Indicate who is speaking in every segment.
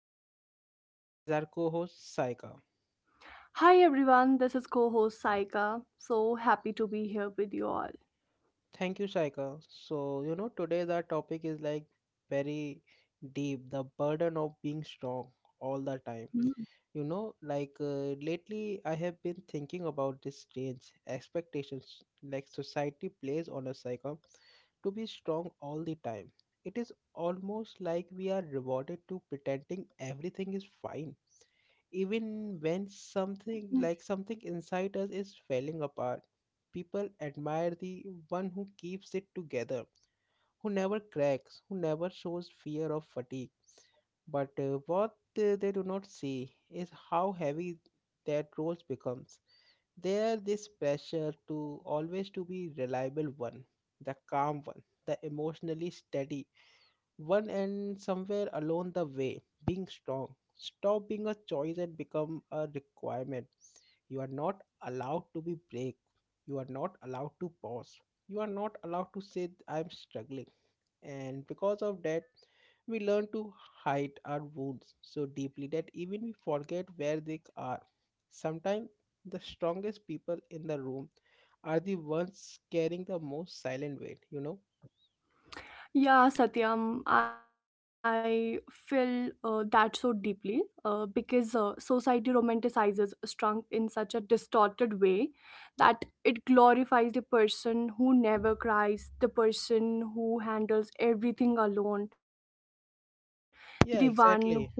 Speaker 1: and with me is our co-host Saika.
Speaker 2: Hi everyone, this is co host Saika. So happy to be here with you all.
Speaker 1: Thank you, Saika. So you know today's our topic is like very deep, the burden of being strong all the
Speaker 2: Mm.
Speaker 1: time. You know, like lately I have been thinking about this strange expectations like society plays on us, Saika, to be strong all the time. It is almost like we are rewarded to pretending everything is fine even when something like something inside us is falling apart. People admire the one who keeps it together, who never cracks, who never shows fear of fatigue, but what they do not see is how heavy that role becomes. There this pressure to always to be reliable one, the calm one, the emotionally steady one, and somewhere along the way being strong stop being a choice and become a requirement. You are not allowed to be break, you are not allowed to pause, you are not allowed to say I'm struggling. And because of that we learn to hide our wounds so deeply that even we forget where they are. Sometimes the strongest people in the room are the ones carrying the most silent weight, you know?
Speaker 2: Yeah, Satyam, I feel that so deeply because society romanticizes strength in such a distorted way that it glorifies the person who never cries, the person who handles everything alone, the one who smiles
Speaker 1: Yeah,
Speaker 2: through
Speaker 1: exactly.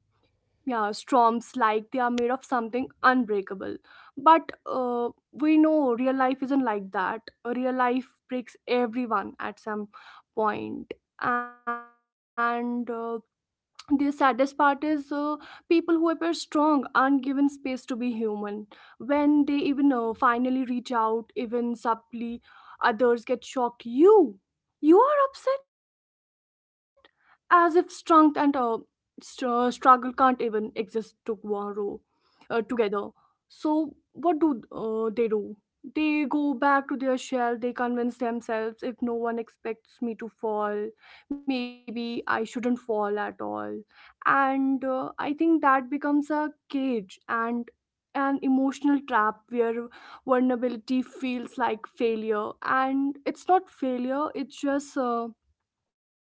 Speaker 2: yeah storms like they are made of something unbreakable. But we know real life isn't like that. Real life breaks everyone at some point. And the saddest part is people who appear strong aren't given space to be human. When they even finally reach out, even subtly, others get shocked. You are upset, as if strength and struggle can't even exist tomorrow together. So, what do they do? They go back to their shell, they convince themselves, if no one expects me to fall, maybe I shouldn't fall at all. And I think that becomes a cage and an emotional trap where vulnerability feels like failure. And it's not failure, it's just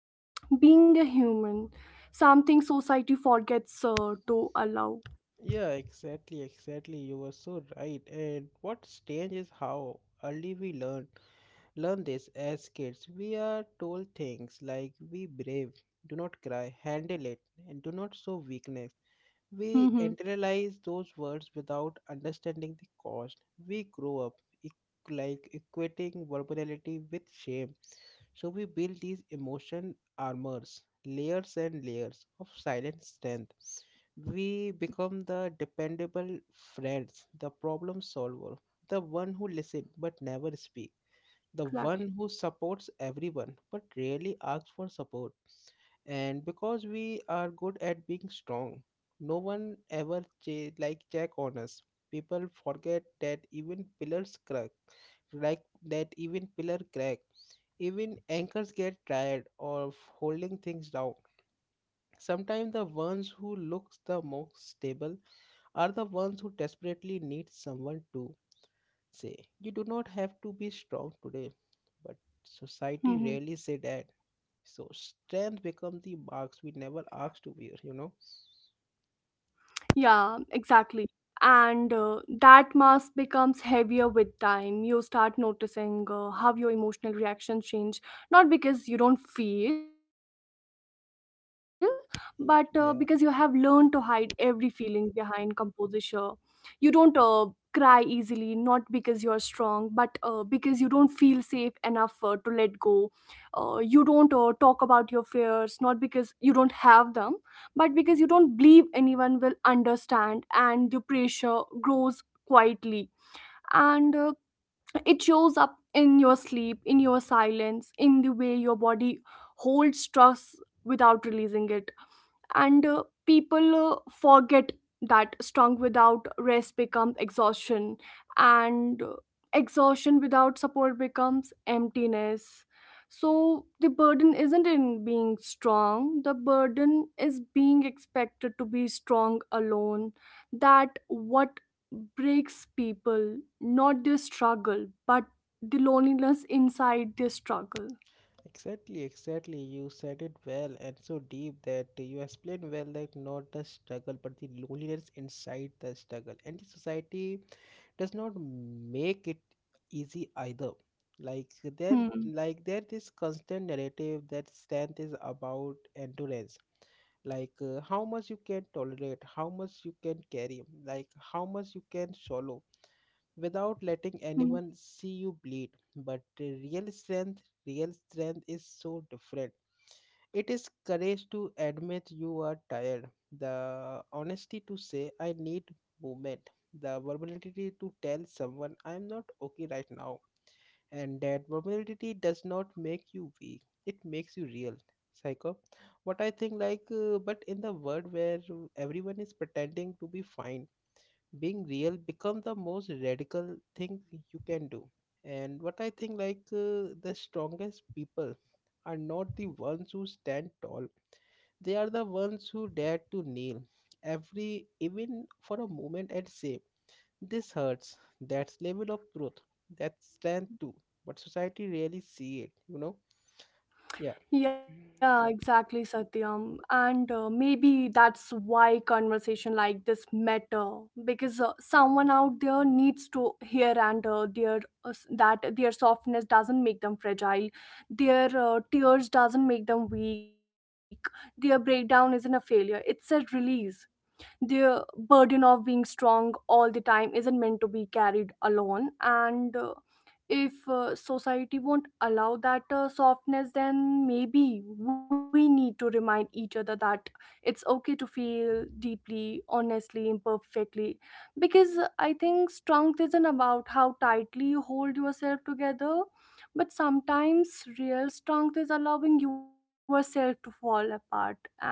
Speaker 2: being a human, something society forgets to allow.
Speaker 1: Yeah, exactly, exactly. You were so right. And what's strange is how early we learn this as kids. We are told things like be brave, do not cry, handle it, and do not show weakness. We
Speaker 2: Mm-hmm.
Speaker 1: internalize those words without understanding the cost. We grow up like equating vulnerability with shame. So we build these emotion armors, layers and layers of silent strength. We become the dependable friends, the problem solver, the one who listens but never speaks, the one who
Speaker 2: Exactly.
Speaker 1: supports everyone but rarely asks for support. And because we are good at being strong, no one ever like check on us. People forget that even pillars crack, like that even pillar crack. Even anchors get tired of holding things down. Sometimes the ones who looks the most stable are the ones who desperately need someone to say, you do not have to be strong today. But society rarely say
Speaker 2: Mhm.
Speaker 1: that. So strength becomes the marks we never asked to wear, you know?
Speaker 2: Yeah, exactly. And that mask becomes heavier with time. You start noticing how your emotional reactions change, not because you don't feel, but because you have learned to hide every
Speaker 1: Yeah,
Speaker 2: feeling behind composure. You don't cry easily, not because you're strong, but because you don't feel safe enough to let go. You don't talk about your fears, not because you don't have them, but because you don't believe anyone will understand, and the pressure grows quietly. And It shows up in your sleep, in your silence, in the way your body holds stress without releasing it. And people forget that strong without rest becomes exhaustion, and exhaustion without support becomes emptiness. So the burden isn't in being strong, the burden is being expected to be strong alone. That what breaks people, not their struggle, but the loneliness inside their struggle.
Speaker 1: exactly, exactly. You said it well and so deep that you explained well that not the struggle but the loneliness inside the struggle. And the society does not make it easy either. like there
Speaker 2: Hmm.
Speaker 1: like there this constant narrative that strength is about endurance, like how much you can tolerate, how much you can carry, like how much you can swallow without
Speaker 2: Hmm.
Speaker 1: letting anyone see you bleed, but real strength, real strength is so different. It is courage to admit you are tired, the honesty to say I need movement, the vulnerability to tell someone I am not okay right now. And that vulnerability does not make you weak, it makes you real. Psycho. What I think, like, but in the world where everyone is pretending to be fine, being real becomes the most radical thing you can do. And what I think, like, the strongest people are not the ones who stand tall, they are the ones who dare to kneel every, even for a moment, and say, this hurts. That's level of truth. That's strength too. But society really see it, you know? Yeah.
Speaker 2: Yeah, exactly, Satyam. And maybe that's why conversation like this matter, because someone out there needs to hear, and that their softness doesn't make them fragile, their tears doesn't make them weak, their breakdown isn't a failure. It's a release. The burden of being strong all the time isn't meant to be carried alone, and if society won't allow that softness, then maybe we need to remind each other that it's okay to feel deeply, honestly, imperfectly. Because I think strength isn't about how tightly you hold yourself together, but sometimes real strength is allowing yourself to fall apart and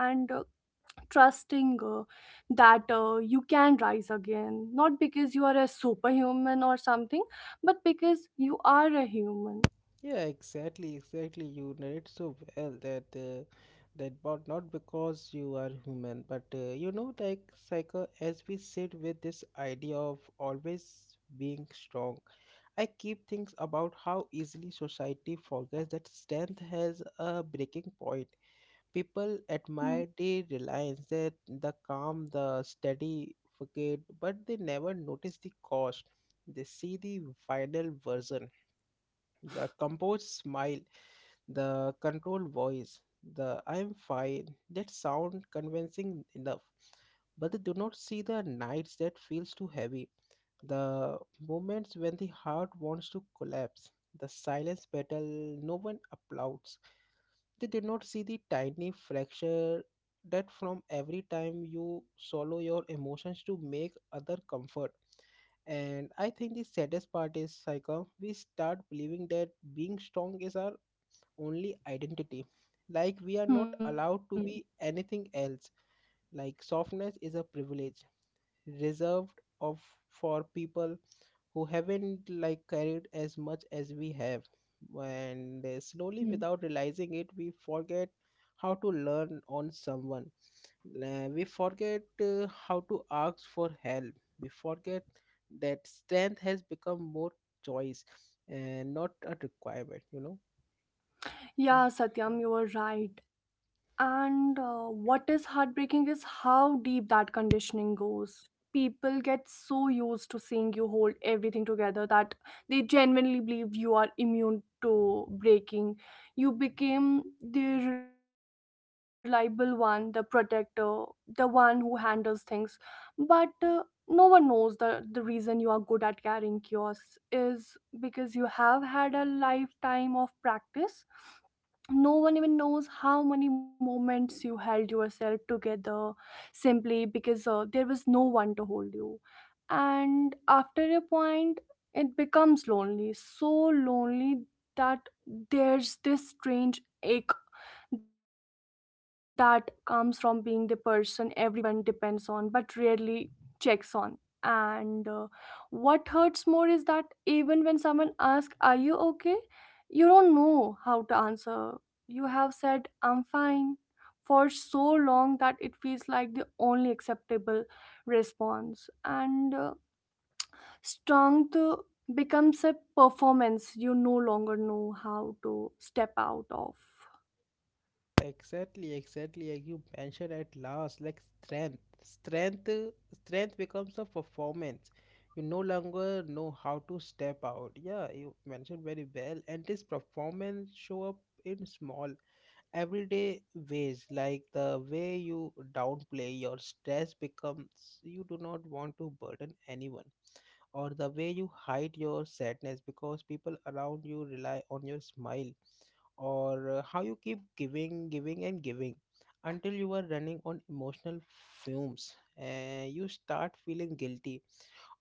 Speaker 2: trusting that you can rise again, not because you are a superhuman or something, but because you are a human.
Speaker 1: Yeah, exactly, exactly. You narrate so well that that but not because you are human, but you know, like psycho, as we sit with this idea of always being strong, I keep thinking about how easily society forgets that strength has a breaking point.
Speaker 2: Hmm.
Speaker 1: People admired the reliance, that the calm, the steady forget, but they never notice the cost. They see the final version, the composed smile, the controlled voice, the I'm fine. That sound convincing enough, but they do not see the nights that feels too heavy, the moments when the heart wants to collapse, the silence battle no one applauds. They did not see the tiny fracture that from every time you swallow your emotions to make other comfort. And I think the saddest part is psycho. We start believing that being strong is our only identity. Like we are
Speaker 2: Hmm.
Speaker 1: not allowed to be anything else. Like softness is a privilege reserved of for people who haven't like carried as much as we have, and slowly
Speaker 2: Hmm.
Speaker 1: without realizing it we forget how to learn on someone. We forget how to ask for help, we forget that strength has become more choice and not a requirement, you know?
Speaker 2: Yeah, Satyam, you were right. And what is heartbreaking is how deep that conditioning goes. People get so used to seeing you hold everything together that they genuinely believe you are immune to breaking. You became the reliable one, the protector, the one who handles things. But no one knows the reason you are good at carrying chaos is because you have had a lifetime of practice. No one even knows how many moments you held yourself together simply because there was no one to hold you. And after a point it becomes lonely, so lonely, that there's this strange ache that comes from being the person everyone depends on but rarely checks on. And what hurts more is that even when someone asks, are you okay, you don't know how to answer. You have said I'm fine for so long that it feels like the only acceptable response. And strength becomes a performance you no longer know how to step out of.
Speaker 1: Exactly, exactly. Like you mentioned at last, like strength. Strength becomes a performance. You no longer know how to step out. Yeah, you mentioned very well. And this performance show up in small everyday ways. Like the way you downplay your stress becomes you do not want to burden anyone. Or the way you hide your sadness because people around you rely on your smile, or how you keep giving giving and giving until you are running on emotional fumes and you start feeling guilty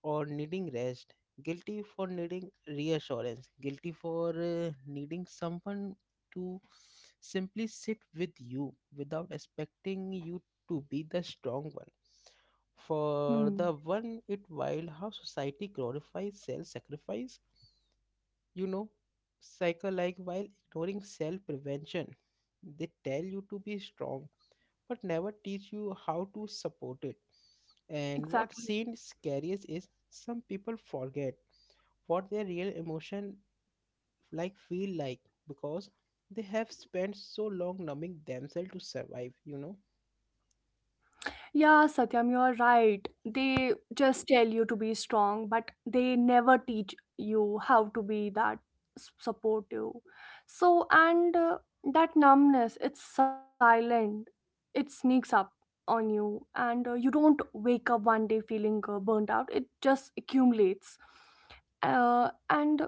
Speaker 1: or needing rest, guilty for needing reassurance, guilty for needing someone to simply sit with you without expecting you to be the strong one for
Speaker 2: Hmm,
Speaker 1: the one it while how society glorifies self sacrifice, you know, cycle, like while ignoring self prevention. They tell you to be strong but never teach you how to support it. And what
Speaker 2: exactly.
Speaker 1: seems scariest is some people forget what their real emotion like feel like because they have spent so long numbing themselves to survive, you know?
Speaker 2: Yeah, Satyam, you are right. They just tell you to be strong, but they never teach you how to be that supportive. So, and that numbness, it's silent, it sneaks up on you, and you don't wake up one day feeling burnt out, it just accumulates. And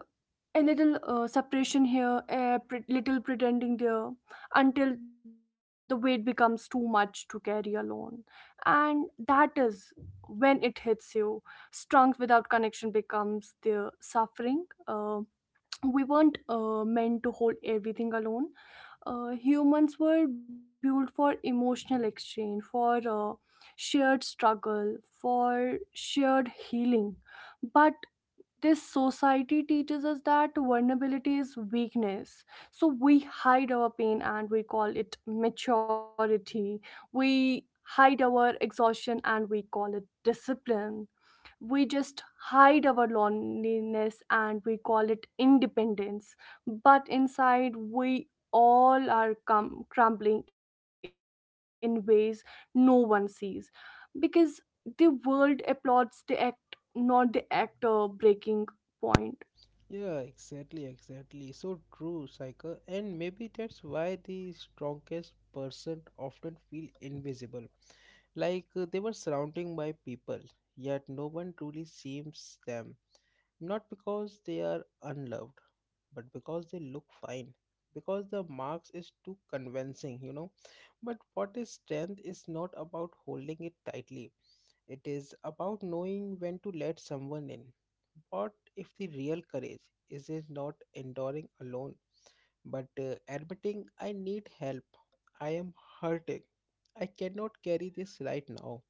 Speaker 2: a little separation here, a little pretending there, until the weight becomes too much to carry alone. And that is when it hits you: strength without connection becomes the suffering. uh, we weren't meant to hold everything alone. Humans were built for emotional exchange, for shared struggle, for shared healing. But this society teaches us that vulnerability is weakness, so we hide our pain and we call it maturity, we hide our exhaustion and we call it discipline, we just hide our loneliness and we call it independence. But inside we all are crumbling in ways no one sees, because the world applauds the act, not the actor. Breaking point.
Speaker 1: Yeah, exactly, exactly, so true, psycho. And maybe that's why the strongest person often feel invisible. Like they were surrounding by people, yet no one truly seems them. Not because they are unloved, but because they look fine. Because the marks is too convincing, you know. But what is strength is not about holding it tightly. It is about knowing when to let someone in. What if the real courage is it not enduring alone, but admitting I need help, I am hurting, I cannot carry this right now.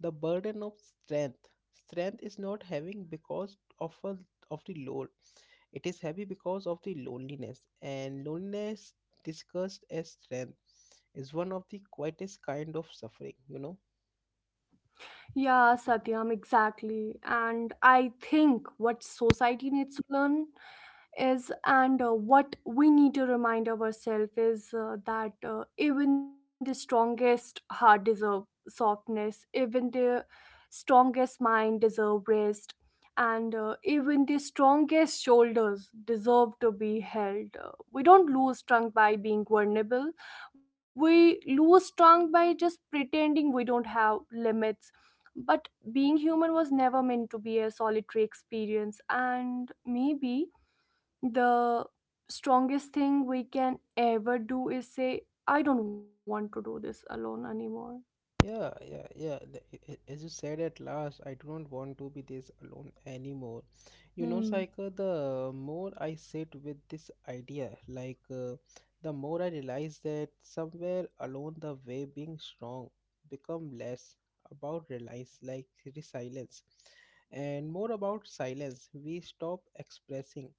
Speaker 1: The burden of strength, strength is not having because of a, of the load. It is heavy because of the loneliness, and loneliness discussed as strength is one of the quietest kind of suffering, you know?
Speaker 2: Yeah, Satyam, exactly. And I think what society needs to learn is, and what we need to remind ourselves is that even the strongest heart deserve softness, even the strongest mind deserve rest, and even the strongest shoulders deserve to be held. We don't lose strength by being vulnerable. We lose strength by just pretending we don't have limits. But being human was never meant to be a solitary experience, and maybe the strongest thing we can ever do is say, I don't want to do this alone anymore.
Speaker 1: Yeah, yeah, yeah. As you said at last, I do not want to be this alone anymore. You know,
Speaker 2: Hmm.
Speaker 1: Saika, the more I sit with this idea, like the more I realize that somewhere along the way, being strong become less about reliance, like resilience, and more about silence. We stop expressing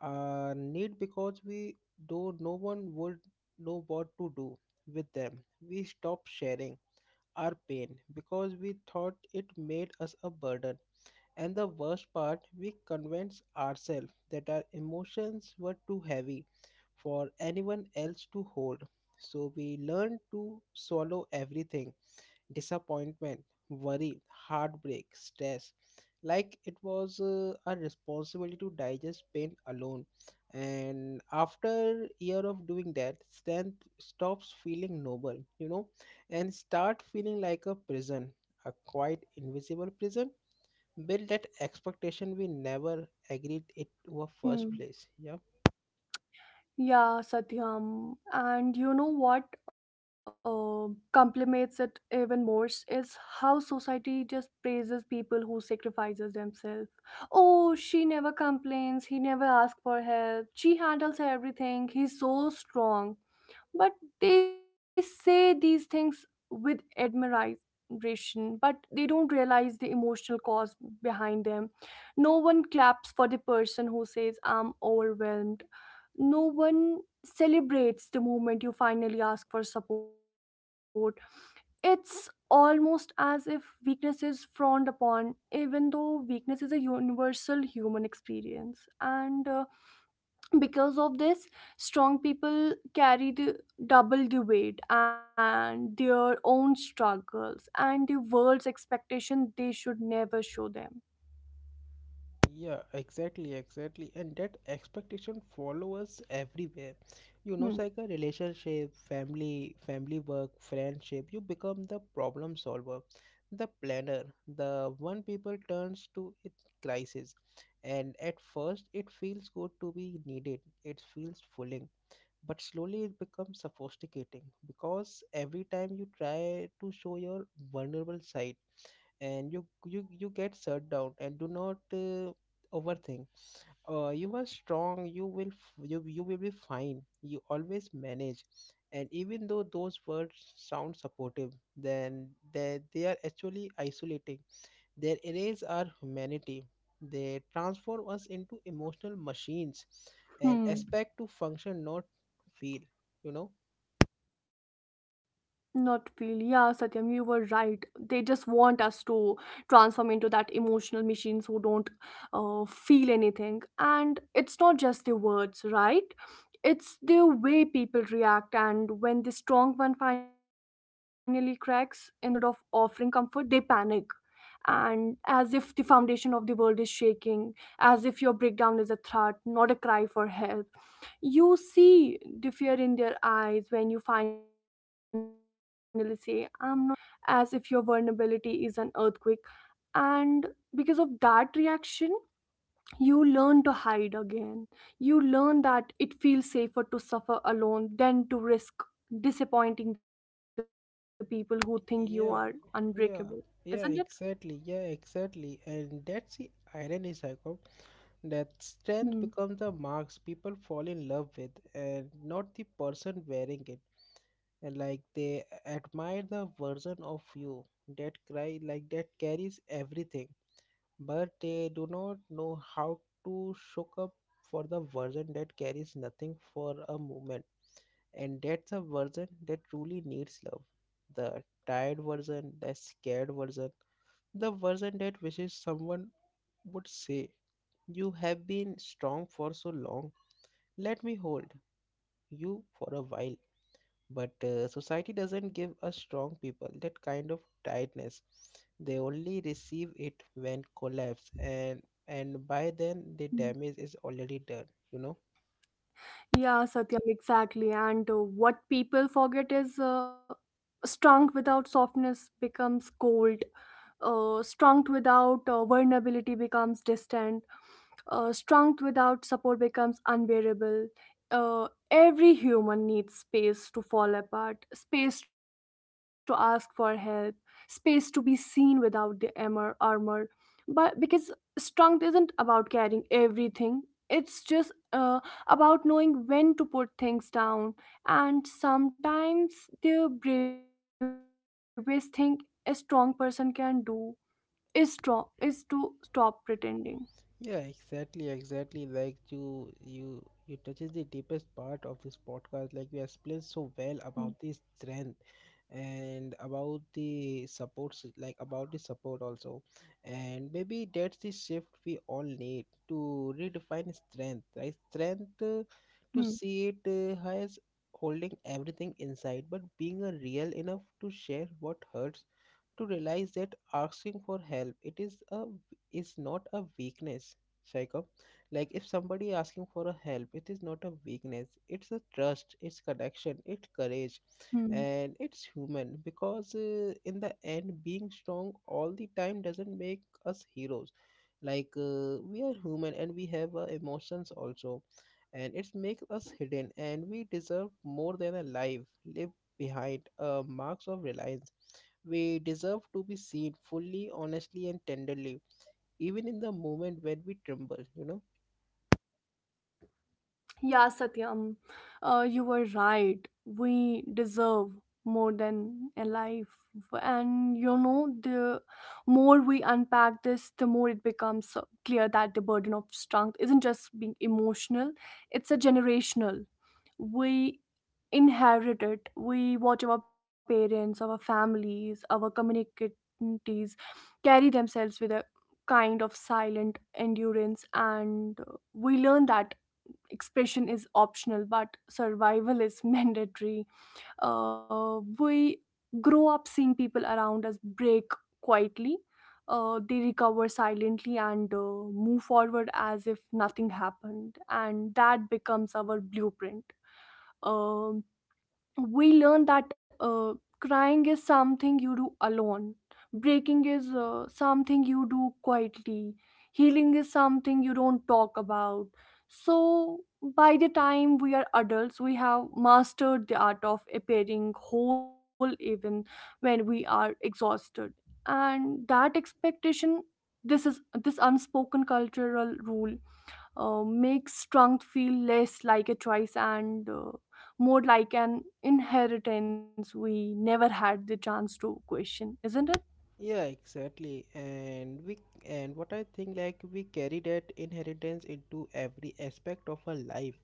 Speaker 1: our need because we do no one would know what to do with them. We stop sharing our pain because we thought it made us a burden. And the worst part, we convinced ourselves that our emotions were too heavy for anyone else to hold. So we learned to swallow everything, disappointment, worry, heartbreak, stress. Like it was a responsibility to digest pain alone. And after year of doing that, strength stops feeling noble, you know, and start feeling like a prison, a quite invisible prison built that expectation we never agreed it to a first
Speaker 2: Hmm.
Speaker 1: place. Yeah.
Speaker 2: Yeah, Satyam. And you know what complements it even more is how society just praises people who sacrifices themselves. Oh, she never complains. He never asks for help. She handles everything. He's so strong. But they say these things with admiration, but they don't realize the emotional cause behind them. No one claps for the person who says I'm overwhelmed. No one celebrates the moment you finally ask for support. It's almost as if weakness is frowned upon, even though weakness is a universal human experience. And because of this, strong people carry the double the weight, and their own struggles and the world's expectation they should never show them.
Speaker 1: Yeah, exactly, exactly. And that expectation follows everywhere. You know, it's
Speaker 2: Hmm.
Speaker 1: like a relationship, family, family, work, friendship. You become the problem solver, the planner, the one people turns to in crisis. And at first, it feels good to be needed. It feels fulfilling. But slowly it becomes sophisticating because every time you try to show your vulnerable side, and you get shut down and do not overthink, you are strong, you will you will be fine, you always manage. And even though those words sound supportive, then they are actually isolating. They erase our humanity, they transform us into emotional machines and
Speaker 2: Hmm.
Speaker 1: expect to function not feel, you know?
Speaker 2: Not really. Yeah, Satyam, you were right. They just want us to transform into that emotional machines who don't feel anything. And it's not just the words, right? It's the way people react. And when the strong one finally cracks, instead of offering comfort, they panic. And as if the foundation of the world is shaking, as if your breakdown is a threat, not a cry for help. You see the fear in their eyes when you finally say, I'm not okay, as if your vulnerability is an earthquake. And because of that reaction, you learn to hide again. You learn that it feels safer to suffer alone than to risk disappointing the people who think you are unbreakable.
Speaker 1: Yeah,
Speaker 2: Isn't it?
Speaker 1: yeah, yeah, exactly, yeah, exactly. And that's the irony, cycle. That
Speaker 2: Hmm.
Speaker 1: strength becomes the marks people fall in love with and not the person wearing it. And like they admire the version of you that cry like that carries everything. But they do not know how to shook up for the version that carries nothing for a moment. And that's a version that truly needs love. The tired version, the scared version, the version that wishes someone would say you have been strong for so long. Let me hold you for a while. But society doesn't give us strong people that kind of tightness. They only receive it when collapse, and by then the
Speaker 2: Hmm.
Speaker 1: damage is already done. You know.
Speaker 2: Yeah, Satyam, exactly. And what people forget is strength without softness becomes cold, strength without vulnerability becomes distant, strength without support becomes unbearable. Every human needs space to fall apart, space to ask for help, space to be seen without the armor. Armor. But because strength isn't about carrying everything, it's just about knowing when to put things down. And sometimes the bravest thing a strong person can do is strong is to stop pretending.
Speaker 1: Yeah, exactly, exactly. Like you touches the deepest part of this podcast. Like you explained so well
Speaker 2: Hmm,
Speaker 1: about the strength and about the supports, like about the support also, and maybe that's the shift we all need to redefine strength. Right, strength
Speaker 2: hmm,
Speaker 1: to see it as holding everything inside, but being a real enough to share what hurts to realize that asking for help it is a is not a weakness, Shaikha. Like if somebody asking for a help it is not a weakness, it's a trust, it's connection, it's courage,
Speaker 2: hmm.
Speaker 1: and it's human, because in the end being strong all the time doesn't make us heroes. Like we are human and we have emotions also, and it makes us hidden, and we deserve more than a life live behind marks of reliance. We deserve to be seen fully, honestly, and tenderly, even in the moment when we tremble, you know.
Speaker 2: Yeah, Satyam, you were right. We deserve more than a life, and you know, the more we unpack this, the more it becomes clear that the burden of strength isn't just being emotional; it's a generational. We inherit it. We watch our parents, our families, our communities carry themselves with a kind of silent endurance, and we learn that expression is optional but survival is mandatory. We grow up seeing people around us break quietly. They recover silently and move forward as if nothing happened, and that becomes our blueprint. um, we learn that crying is something you do alone, breaking is something you do quietly, healing is something you don't talk about. So by the time we are adults we have mastered the art of appearing whole even when we are exhausted. And that expectation, this is this unspoken cultural rule, makes trunk feel less like a choice and more like an inheritance we never had the chance to question, isn't it?
Speaker 1: Yeah, exactly. And what I think, like, we carry that inheritance into every aspect of our life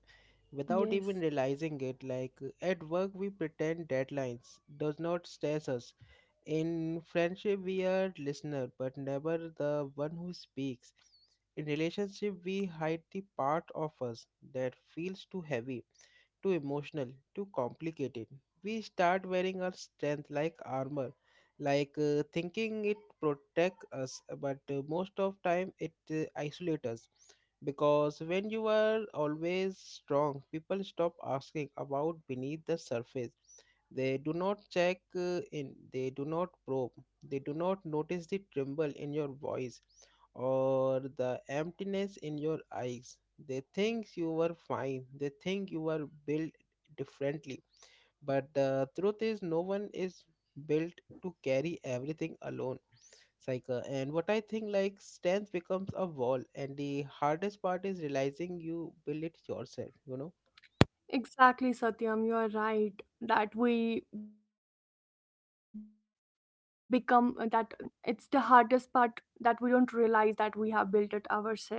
Speaker 1: without even
Speaker 2: Yes.
Speaker 1: realizing it. Like at work we pretend deadlines does not stress us. In friendship we are listener but never the one who speaks. In relationship we hide the part of us that feels too heavy, too emotional, too complicated. We start wearing our strength like armor, like thinking it protect us, but most of time it isolates us. Because when you are always strong, people stop asking about beneath the surface. They do not check in, they do not probe, they do not notice the tremble in your voice or the emptiness in your eyes. They think you were fine, they think you were built differently. But the truth is, no one is built to carry everything alone. Psycho. And what I think, like, stance becomes a wall, and the hardest part is realizing you build it yourself, you know.
Speaker 2: Exactly, Satyam, you are right. That we become that this trunk becomes a wall, and it's the hardest part that we don't realize that we have built it ourselves.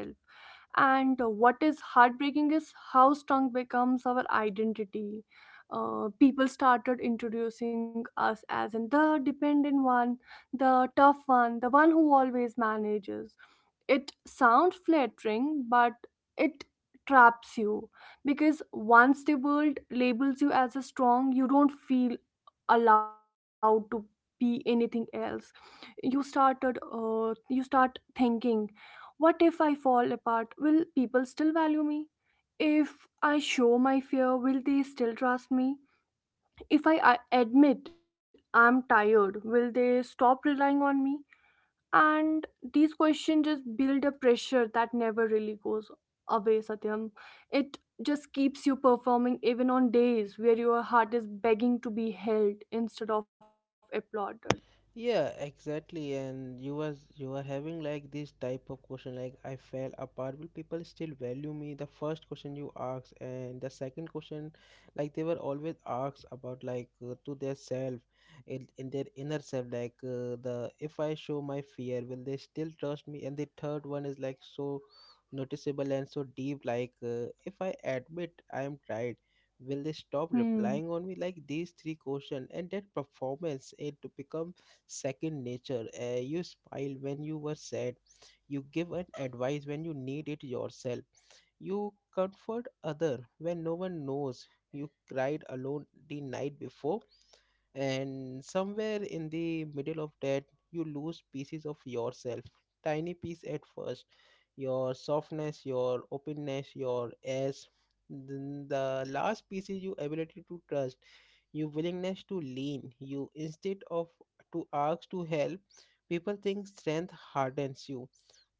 Speaker 2: And what is heartbreaking is how strong becomes our identity. People started introducing us as in the dependent one, the tough one, the one who always manages. It sounds flattering, but it traps you, because once the world labels you as a strong, you don't feel allowed to be anything else. You started uh, you start thinking, what if I fall apart, will people still value me? If I show my fear, will they still trust me? If I admit I'm tired, will they stop relying on me? And these questions just build a pressure that never really goes away, Satyam. It just keeps you performing even on days where your heart is begging to be held instead of applauded.
Speaker 1: Yeah, exactly. And you was You were having like this type of question, like, I fell apart. Will people still value me? The first question you asked, and the second question, like they were always asked about, like, to their self, in their inner self, like, the if I show my fear, will they still trust me? And the third one is like so noticeable and so deep, like, if I admit I am tired, will they stop
Speaker 2: Hmm.
Speaker 1: replying on me? Like these three questions, and that performance, it becomes second nature. You smile when you were sad. You give an advice when you need it yourself. You comfort other when no one knows. You cried alone the night before, and somewhere in the middle of that, you lose pieces of yourself. Tiny piece at first, your softness, your openness, your ass. Then the last piece is your ability to trust, your willingness to lean. You instead of to ask to help, people think strength hardens you,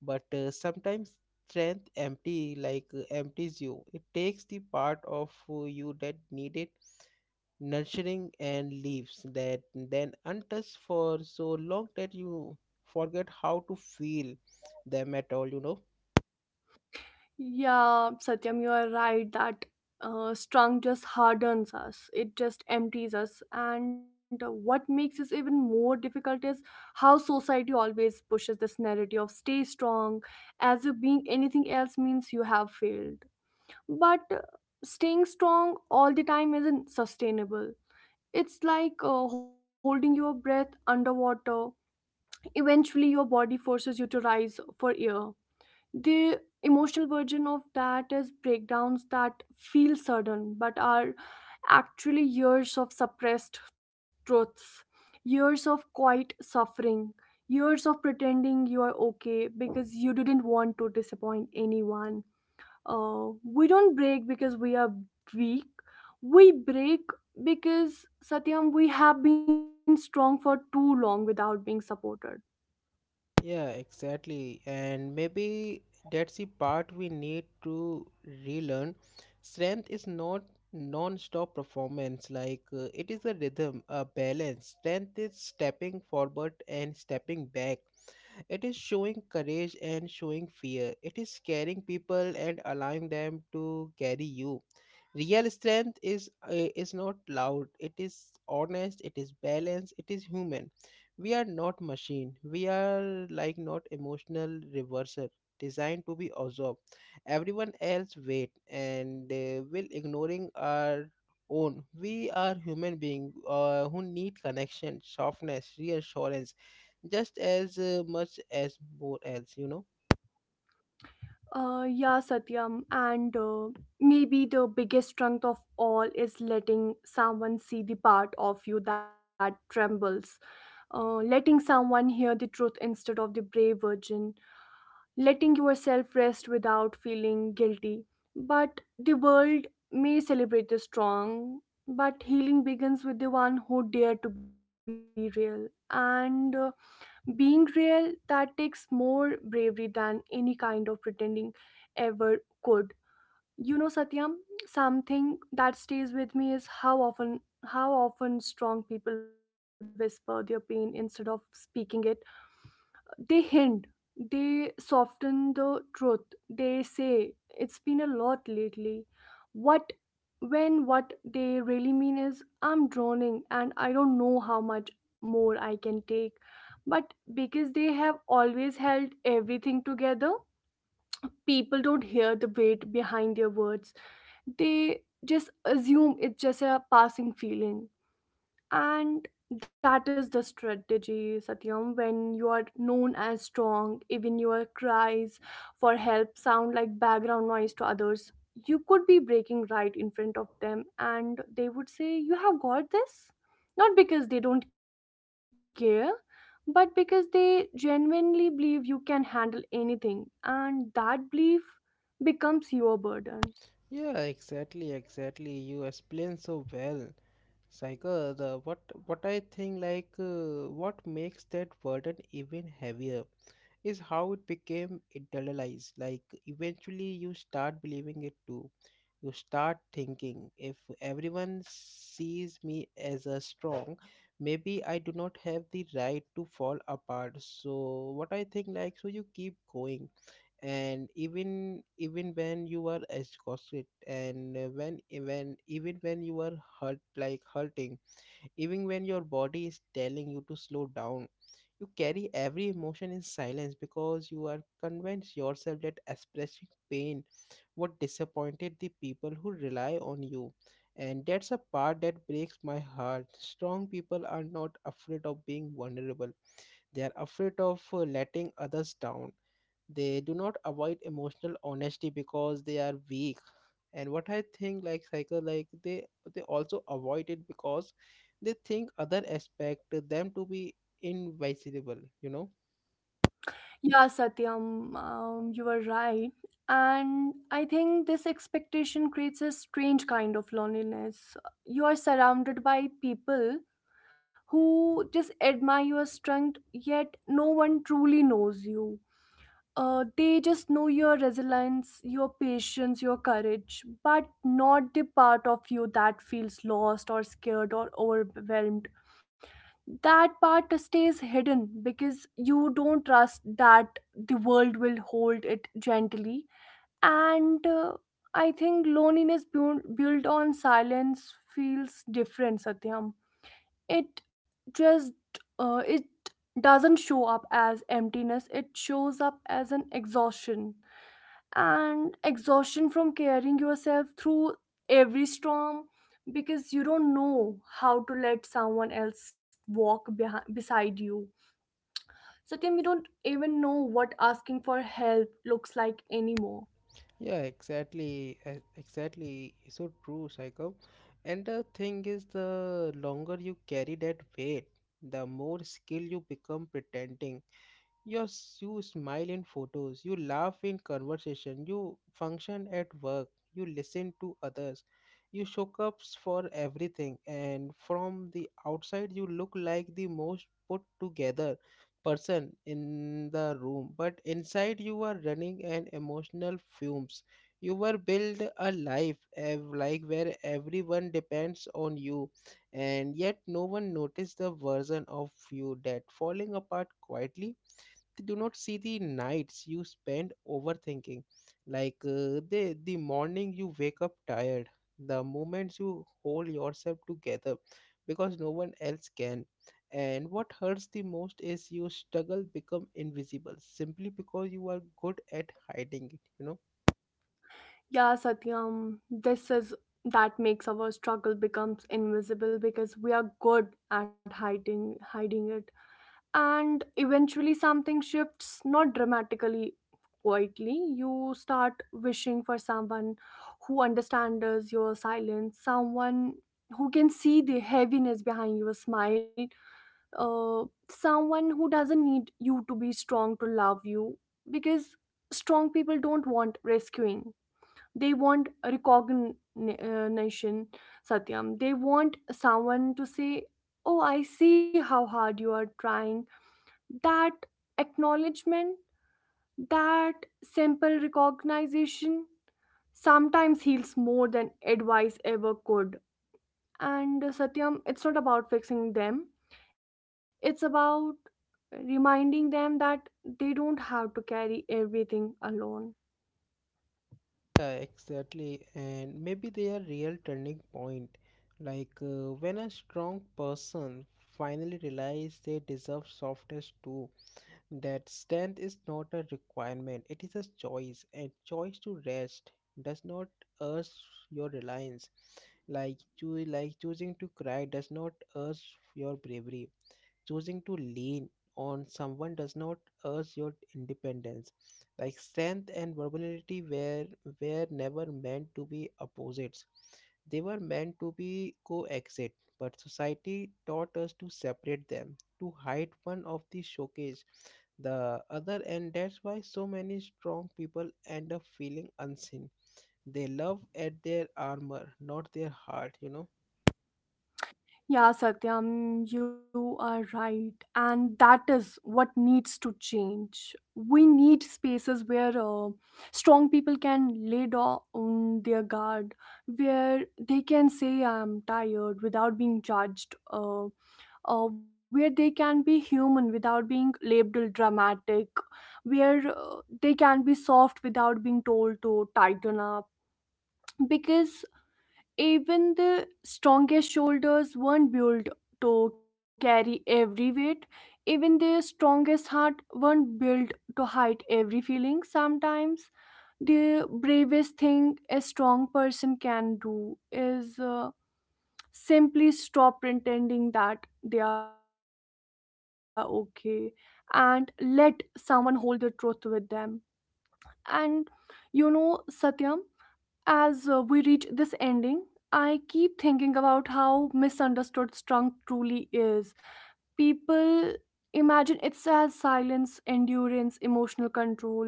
Speaker 1: but sometimes strength empty like empties you. It takes the part of you that needed nurturing and leaves that then untouched for so long that you forget how to feel them at all, you know.
Speaker 2: Yeah, Satyam, you are right that strung just hardens us, it just empties us, and what makes this even more difficult is how society always pushes this narrative of stay strong, as if being anything else means you have failed. But staying strong all the time isn't sustainable. It's like holding your breath underwater. Eventually, your body forces you to rise for air. The emotional version of that is breakdowns that feel sudden but are actually years of suppressed truths, years of quiet suffering, years of pretending you are okay because you didn't want to disappoint anyone. We don't break because we are weak. We break because, Satyam, we have been strong for too long without being supported.
Speaker 1: Yeah, exactly. And maybe that's the part we need to relearn. Strength is not non-stop performance. Like, it is a rhythm, a balance. Strength is stepping forward and stepping back. It is showing courage and showing fear. It is scaring people and allowing them to carry you. Real strength is not loud. It is honest. It is balanced. It is human. We are not machine. We are like not emotional reverser designed to be absorbed. Everyone else wait, and will ignoring our own. We are human being who need connection, softness, reassurance, just as much as both else, you know.
Speaker 2: Yeah, Satyam, and maybe the biggest strength of all is letting someone see the part of you that trembles, letting someone hear the truth instead of the brave virgin, letting yourself rest without feeling guilty. But the world may celebrate the strong, but healing begins with the one who dare to be real. And being real, that takes more bravery than any kind of pretending ever could. You know, Satyam, something that stays with me is how often strong people whisper their pain instead of speaking it. They hint, they soften the truth. They say, "It's been a lot lately." What when what they really mean is, "I'm drowning and I don't know how much more I can take." But because they have always held everything together, people don't hear the weight behind their words. They just assume it's just a passing feeling. And that is the strategy, Satyam, when you are known as strong, even your cries for help sound like background noise to others. You could be breaking right in front of them, and they would say, "You have got this." Not because they don't care, but because they genuinely believe you can handle anything, and that belief becomes your burden.
Speaker 1: Yeah, exactly, exactly. You explain so well. Psycho, the what I think, like, what makes that burden even heavier is how it became internalized. Like eventually you start believing it too. You start thinking, if everyone sees me as a strong, maybe I do not have the right to fall apart. So what I think, like, so you keep going, and even when you are exhausted, and when you are hurting, even when your body is telling you to slow down, you carry every emotion in silence, because you are convinced yourself that expressing pain what disappointed the people who rely on you. And that's a part that breaks my heart. Strong people are not afraid of being vulnerable, they are afraid of letting others down. They do not avoid emotional honesty because they are weak. And what I think, like, cycle, like, they also avoid it because they think other expect them to be invisible, you know.
Speaker 2: Yeah, Satyam, you are right. And I think this expectation creates a strange kind of loneliness. You are surrounded by people who just admire your strength, yet no one truly knows you. They just know your resilience, your patience, your courage, but not the part of you that feels lost or scared or overwhelmed. That part stays hidden because you don't trust that the world will hold it gently. And I think loneliness built on silence feels different, Satyam. It just uh, it doesn't show up as emptiness, it shows up as an exhaustion, and exhaustion from carrying yourself through every storm, because you don't know how to let someone else walk behind, beside you. Satyam, you don't even know what asking for help looks like anymore.
Speaker 1: Yeah, exactly, exactly, so true, cycle. And the thing is, the longer you carry that weight, the more skill you become pretending. You smile in photos, you laugh in conversation, you function at work, you listen to others, you show up for everything, and from the outside, you look like the most put together person in the room. But inside, you are running an emotional fumes. You were build a life where everyone depends on you, and yet no one noticed the version of you that falling apart quietly. They do not see the nights you spend overthinking, like, uh, the morning you wake up tired, the moments you hold yourself together because no one else can. And what hurts the most is you struggle become invisible simply because you are good at hiding it, you know.
Speaker 2: Yeah, Satyam, this is that makes our struggle becomes invisible because we are good at hiding it. And eventually something shifts, not dramatically, quietly. You start wishing for someone who understands your silence, someone who can see the heaviness behind your smile, uh, someone who doesn't need you to be strong to love you, because strong people don't want rescuing, they want recognition. Satyam, they want someone to say, "Oh, I see how hard you are trying." That acknowledgement, that simple recognition sometimes heals more than advice ever could. And Satyam, it's not about fixing them, it's about reminding them that they don't have to carry everything alone.
Speaker 1: Yeah, exactly. And maybe they are real turning point. Like, when a strong person finally realize they deserve softness too, that strength is not a requirement, it is a choice, and choice to rest does not urge your reliance. Like choosing to cry does not urge your bravery, choosing to lean on someone does not urge your independence. Like strength and vulnerability were never meant to be opposites, they were meant to be coexist. But society taught us to separate them, to hide one of the showcase the other end. That's why so many strong people end up feeling unseen. They love at their armor, not their heart, you know.
Speaker 2: Yeah, Satyam, you are right. And that is what needs to change. We need spaces where strong people can lay down their guard, where they can say, "I'm tired" without being judged, where they can be human without being labeled dramatic, where they can be soft without being told to tighten up. Because even the strongest shoulders weren't built to carry every weight. Even the strongest heart weren't built to hide every feeling. Sometimes the bravest thing a strong person can do is simply stop pretending that they are okay and let someone hold the truth with them. And you know, Satyam, as we reach this ending, I keep thinking about how misunderstood strength truly is. People imagine it's as silence, endurance, emotional control,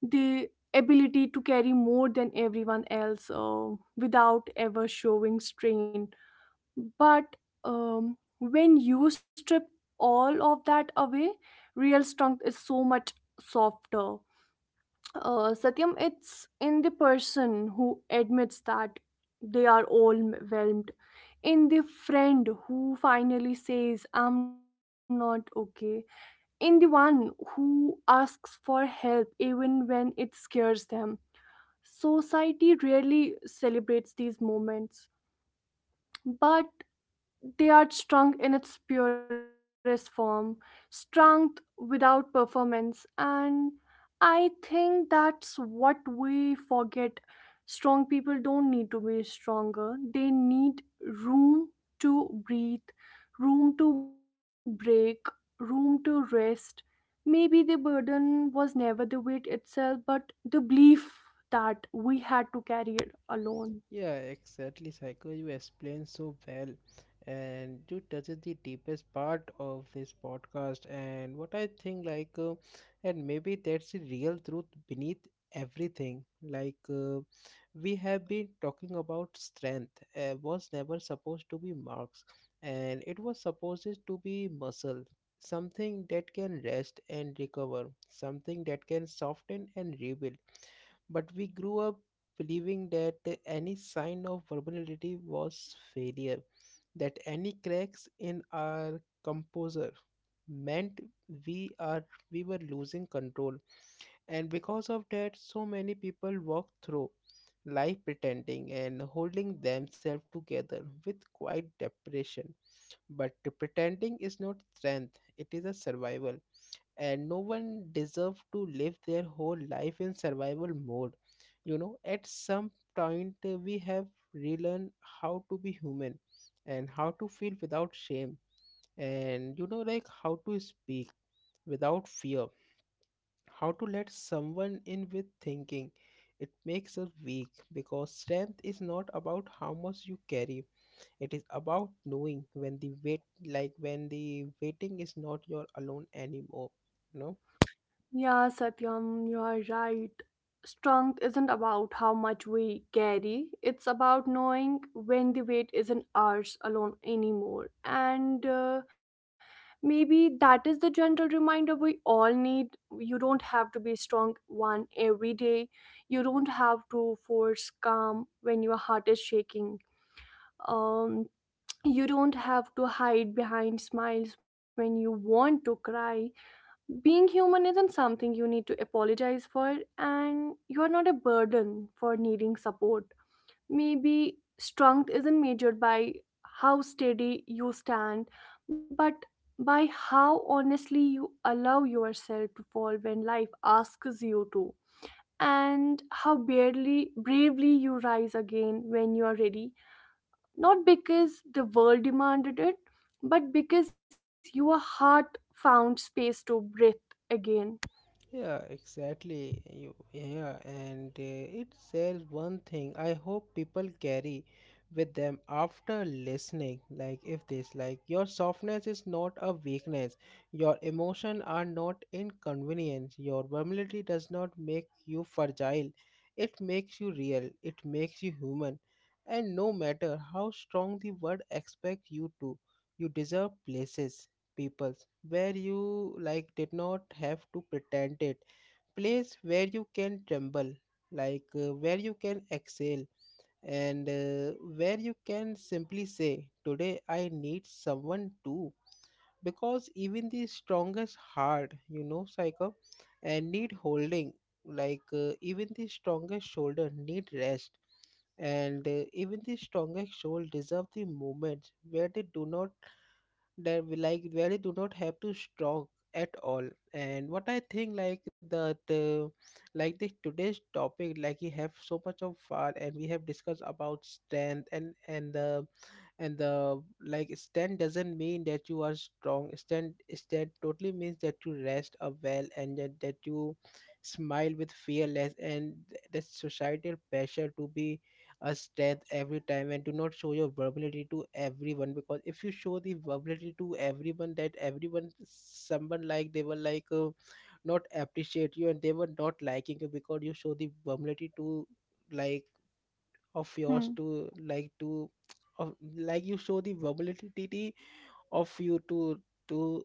Speaker 2: the ability to carry more than everyone else without ever showing strain. But when you strip all of that away, real strength is so much softer. Satyam, it's in the person who admits that they are overwhelmed, in the friend who finally says, "I'm not okay," in the one who asks for help even when it scares them. Society rarely celebrates these moments, but they are strong in its purest form, strength without performance. And I think that's what we forget. Strong people don't need to be stronger, they need room to breathe, room to break, room to rest. Maybe the burden was never the weight itself, but the belief that we had to carry it alone.
Speaker 1: Yeah, exactly, Psycho. You explain so well, and you touches the deepest part of this podcast. And what I think, like, and maybe that's the real truth beneath everything. Like, we have been talking about strength. Was never supposed to be marks, and it was supposed to be muscle, something that can rest and recover, something that can soften and rebuild. But we grew up believing that any sign of vulnerability was failure, that any cracks in our composure meant we are we were losing control. And because of that, so many people walk through life pretending and holding themselves together with quite depression. But pretending is not strength, it is a survival. And no one deserves to live their whole life in survival mode, you know. At some point, we have relearned how to be human, and how to feel without shame, and you know, like, how to speak without fear, how to let someone in with thinking it makes us weak. Because strength is not about how much you carry, it is about knowing when the wait like when the waiting is not your alone anymore, you know.
Speaker 2: Yeah, Satyam, you are right. Strength isn't about how much we carry, it's about knowing when the weight isn't ours alone anymore. And maybe that is the general reminder we all need. You don't have to be strong one every day, you don't have to force calm when your heart is shaking. Um, you don't have to hide behind smiles when you want to cry. Being human isn't something you need to apologize for, and you are not a burden for needing support. Maybe strength isn't measured by how steady you stand, but by how honestly you allow yourself to fall when life asks you to, and how barely bravely you rise again when you are ready. Not because the world demanded it, but because your heart found space to breathe again.
Speaker 1: Yeah, exactly. You, yeah, and It says one thing I hope people carry with them after listening. Like, if this, like, your softness is not a weakness, your emotion are not inconvenience, your vulnerability does not make you fragile, it makes you real, it makes you human. And no matter how strong the world expects you to, you deserve places, peoples, where you like did not have to pretend it, place where you can tremble, like, where you can exhale, and where you can simply say, today I need someone too. Because even the strongest heart, you know, Psycho, and need holding, like, even the strongest shoulder need rest, and even the strongest soul deserve the moments where they do not, that we like really do not have to strong at all. And what I think, like, that, like this today's topic, like, we have so much of fun, and we have discussed about strength, and the like stand doesn't mean that you are strong. Stand totally means that you rest up well, and that, that you smile with fearless, and that societal pressure to be a strength every time and do not show your vulnerability to everyone. Because if you show the vulnerability to everyone, that everyone someone, like, they were like, not appreciate you, and they were not liking you, because you show the vulnerability to like of yours
Speaker 2: Hmm.
Speaker 1: to like to of like you show the vulnerability of you to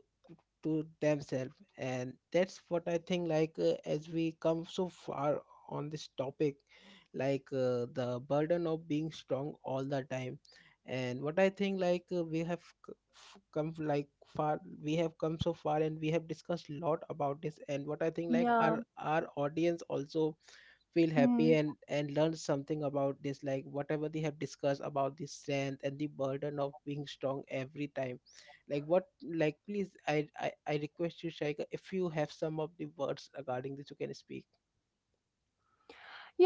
Speaker 1: to themselves. And that's what I think, like, as we come so far on this topic, like, the burden of being strong all the time. And what I think, like, we have come so far, and we have discussed a lot about this. And what I think, like, our
Speaker 2: Yeah.
Speaker 1: our audience also feel happy
Speaker 2: Hmm.
Speaker 1: and learn something about this, like, whatever they have discussed about the strength and the burden of being strong every time. Like what, like, please, I request you, Shaika, if you have some of the words regarding this, you can speak.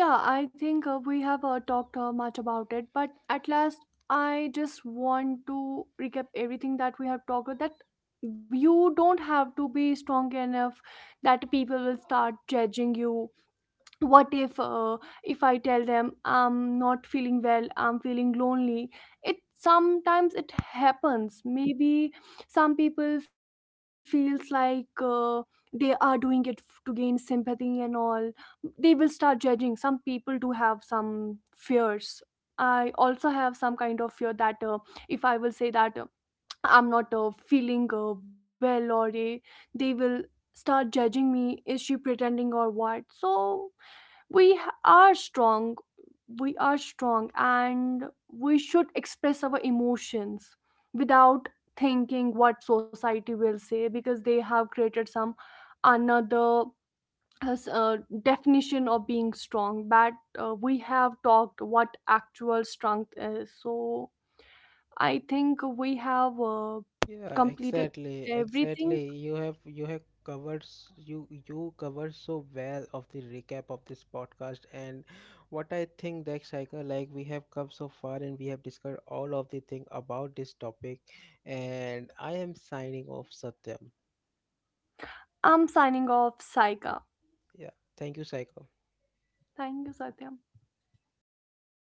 Speaker 2: Yeah, I think we have talked much about it, but at last, I just want to recap everything that we have talked about. That you don't have to be strong enough that people will start judging you. What if I tell them I'm not feeling well, I'm feeling lonely? It sometimes it happens. Maybe some people feels like they are doing it to gain sympathy and all, they will start judging. Some people do have some fears. I also have some kind of fear that if I will say that I'm not feeling well, or they will start judging me, is she pretending or what. So we are strong, we are strong, and we should express our emotions without thinking what society will say, because they have created some another has a definition of being strong, but we have talked what actual strength is. So I think we have
Speaker 1: Yeah,
Speaker 2: completed
Speaker 1: exactly,
Speaker 2: everything.
Speaker 1: exactly. You have covered s- you covered so well of the recap of this podcast. And what I think, that cycle, like, we have come so far, and we have discussed all of the thing about this topic, and I am signing off, Satyam.
Speaker 2: I'm signing off, Saika.
Speaker 1: Yeah, thank you, Psycho.
Speaker 2: Thank you, Satya.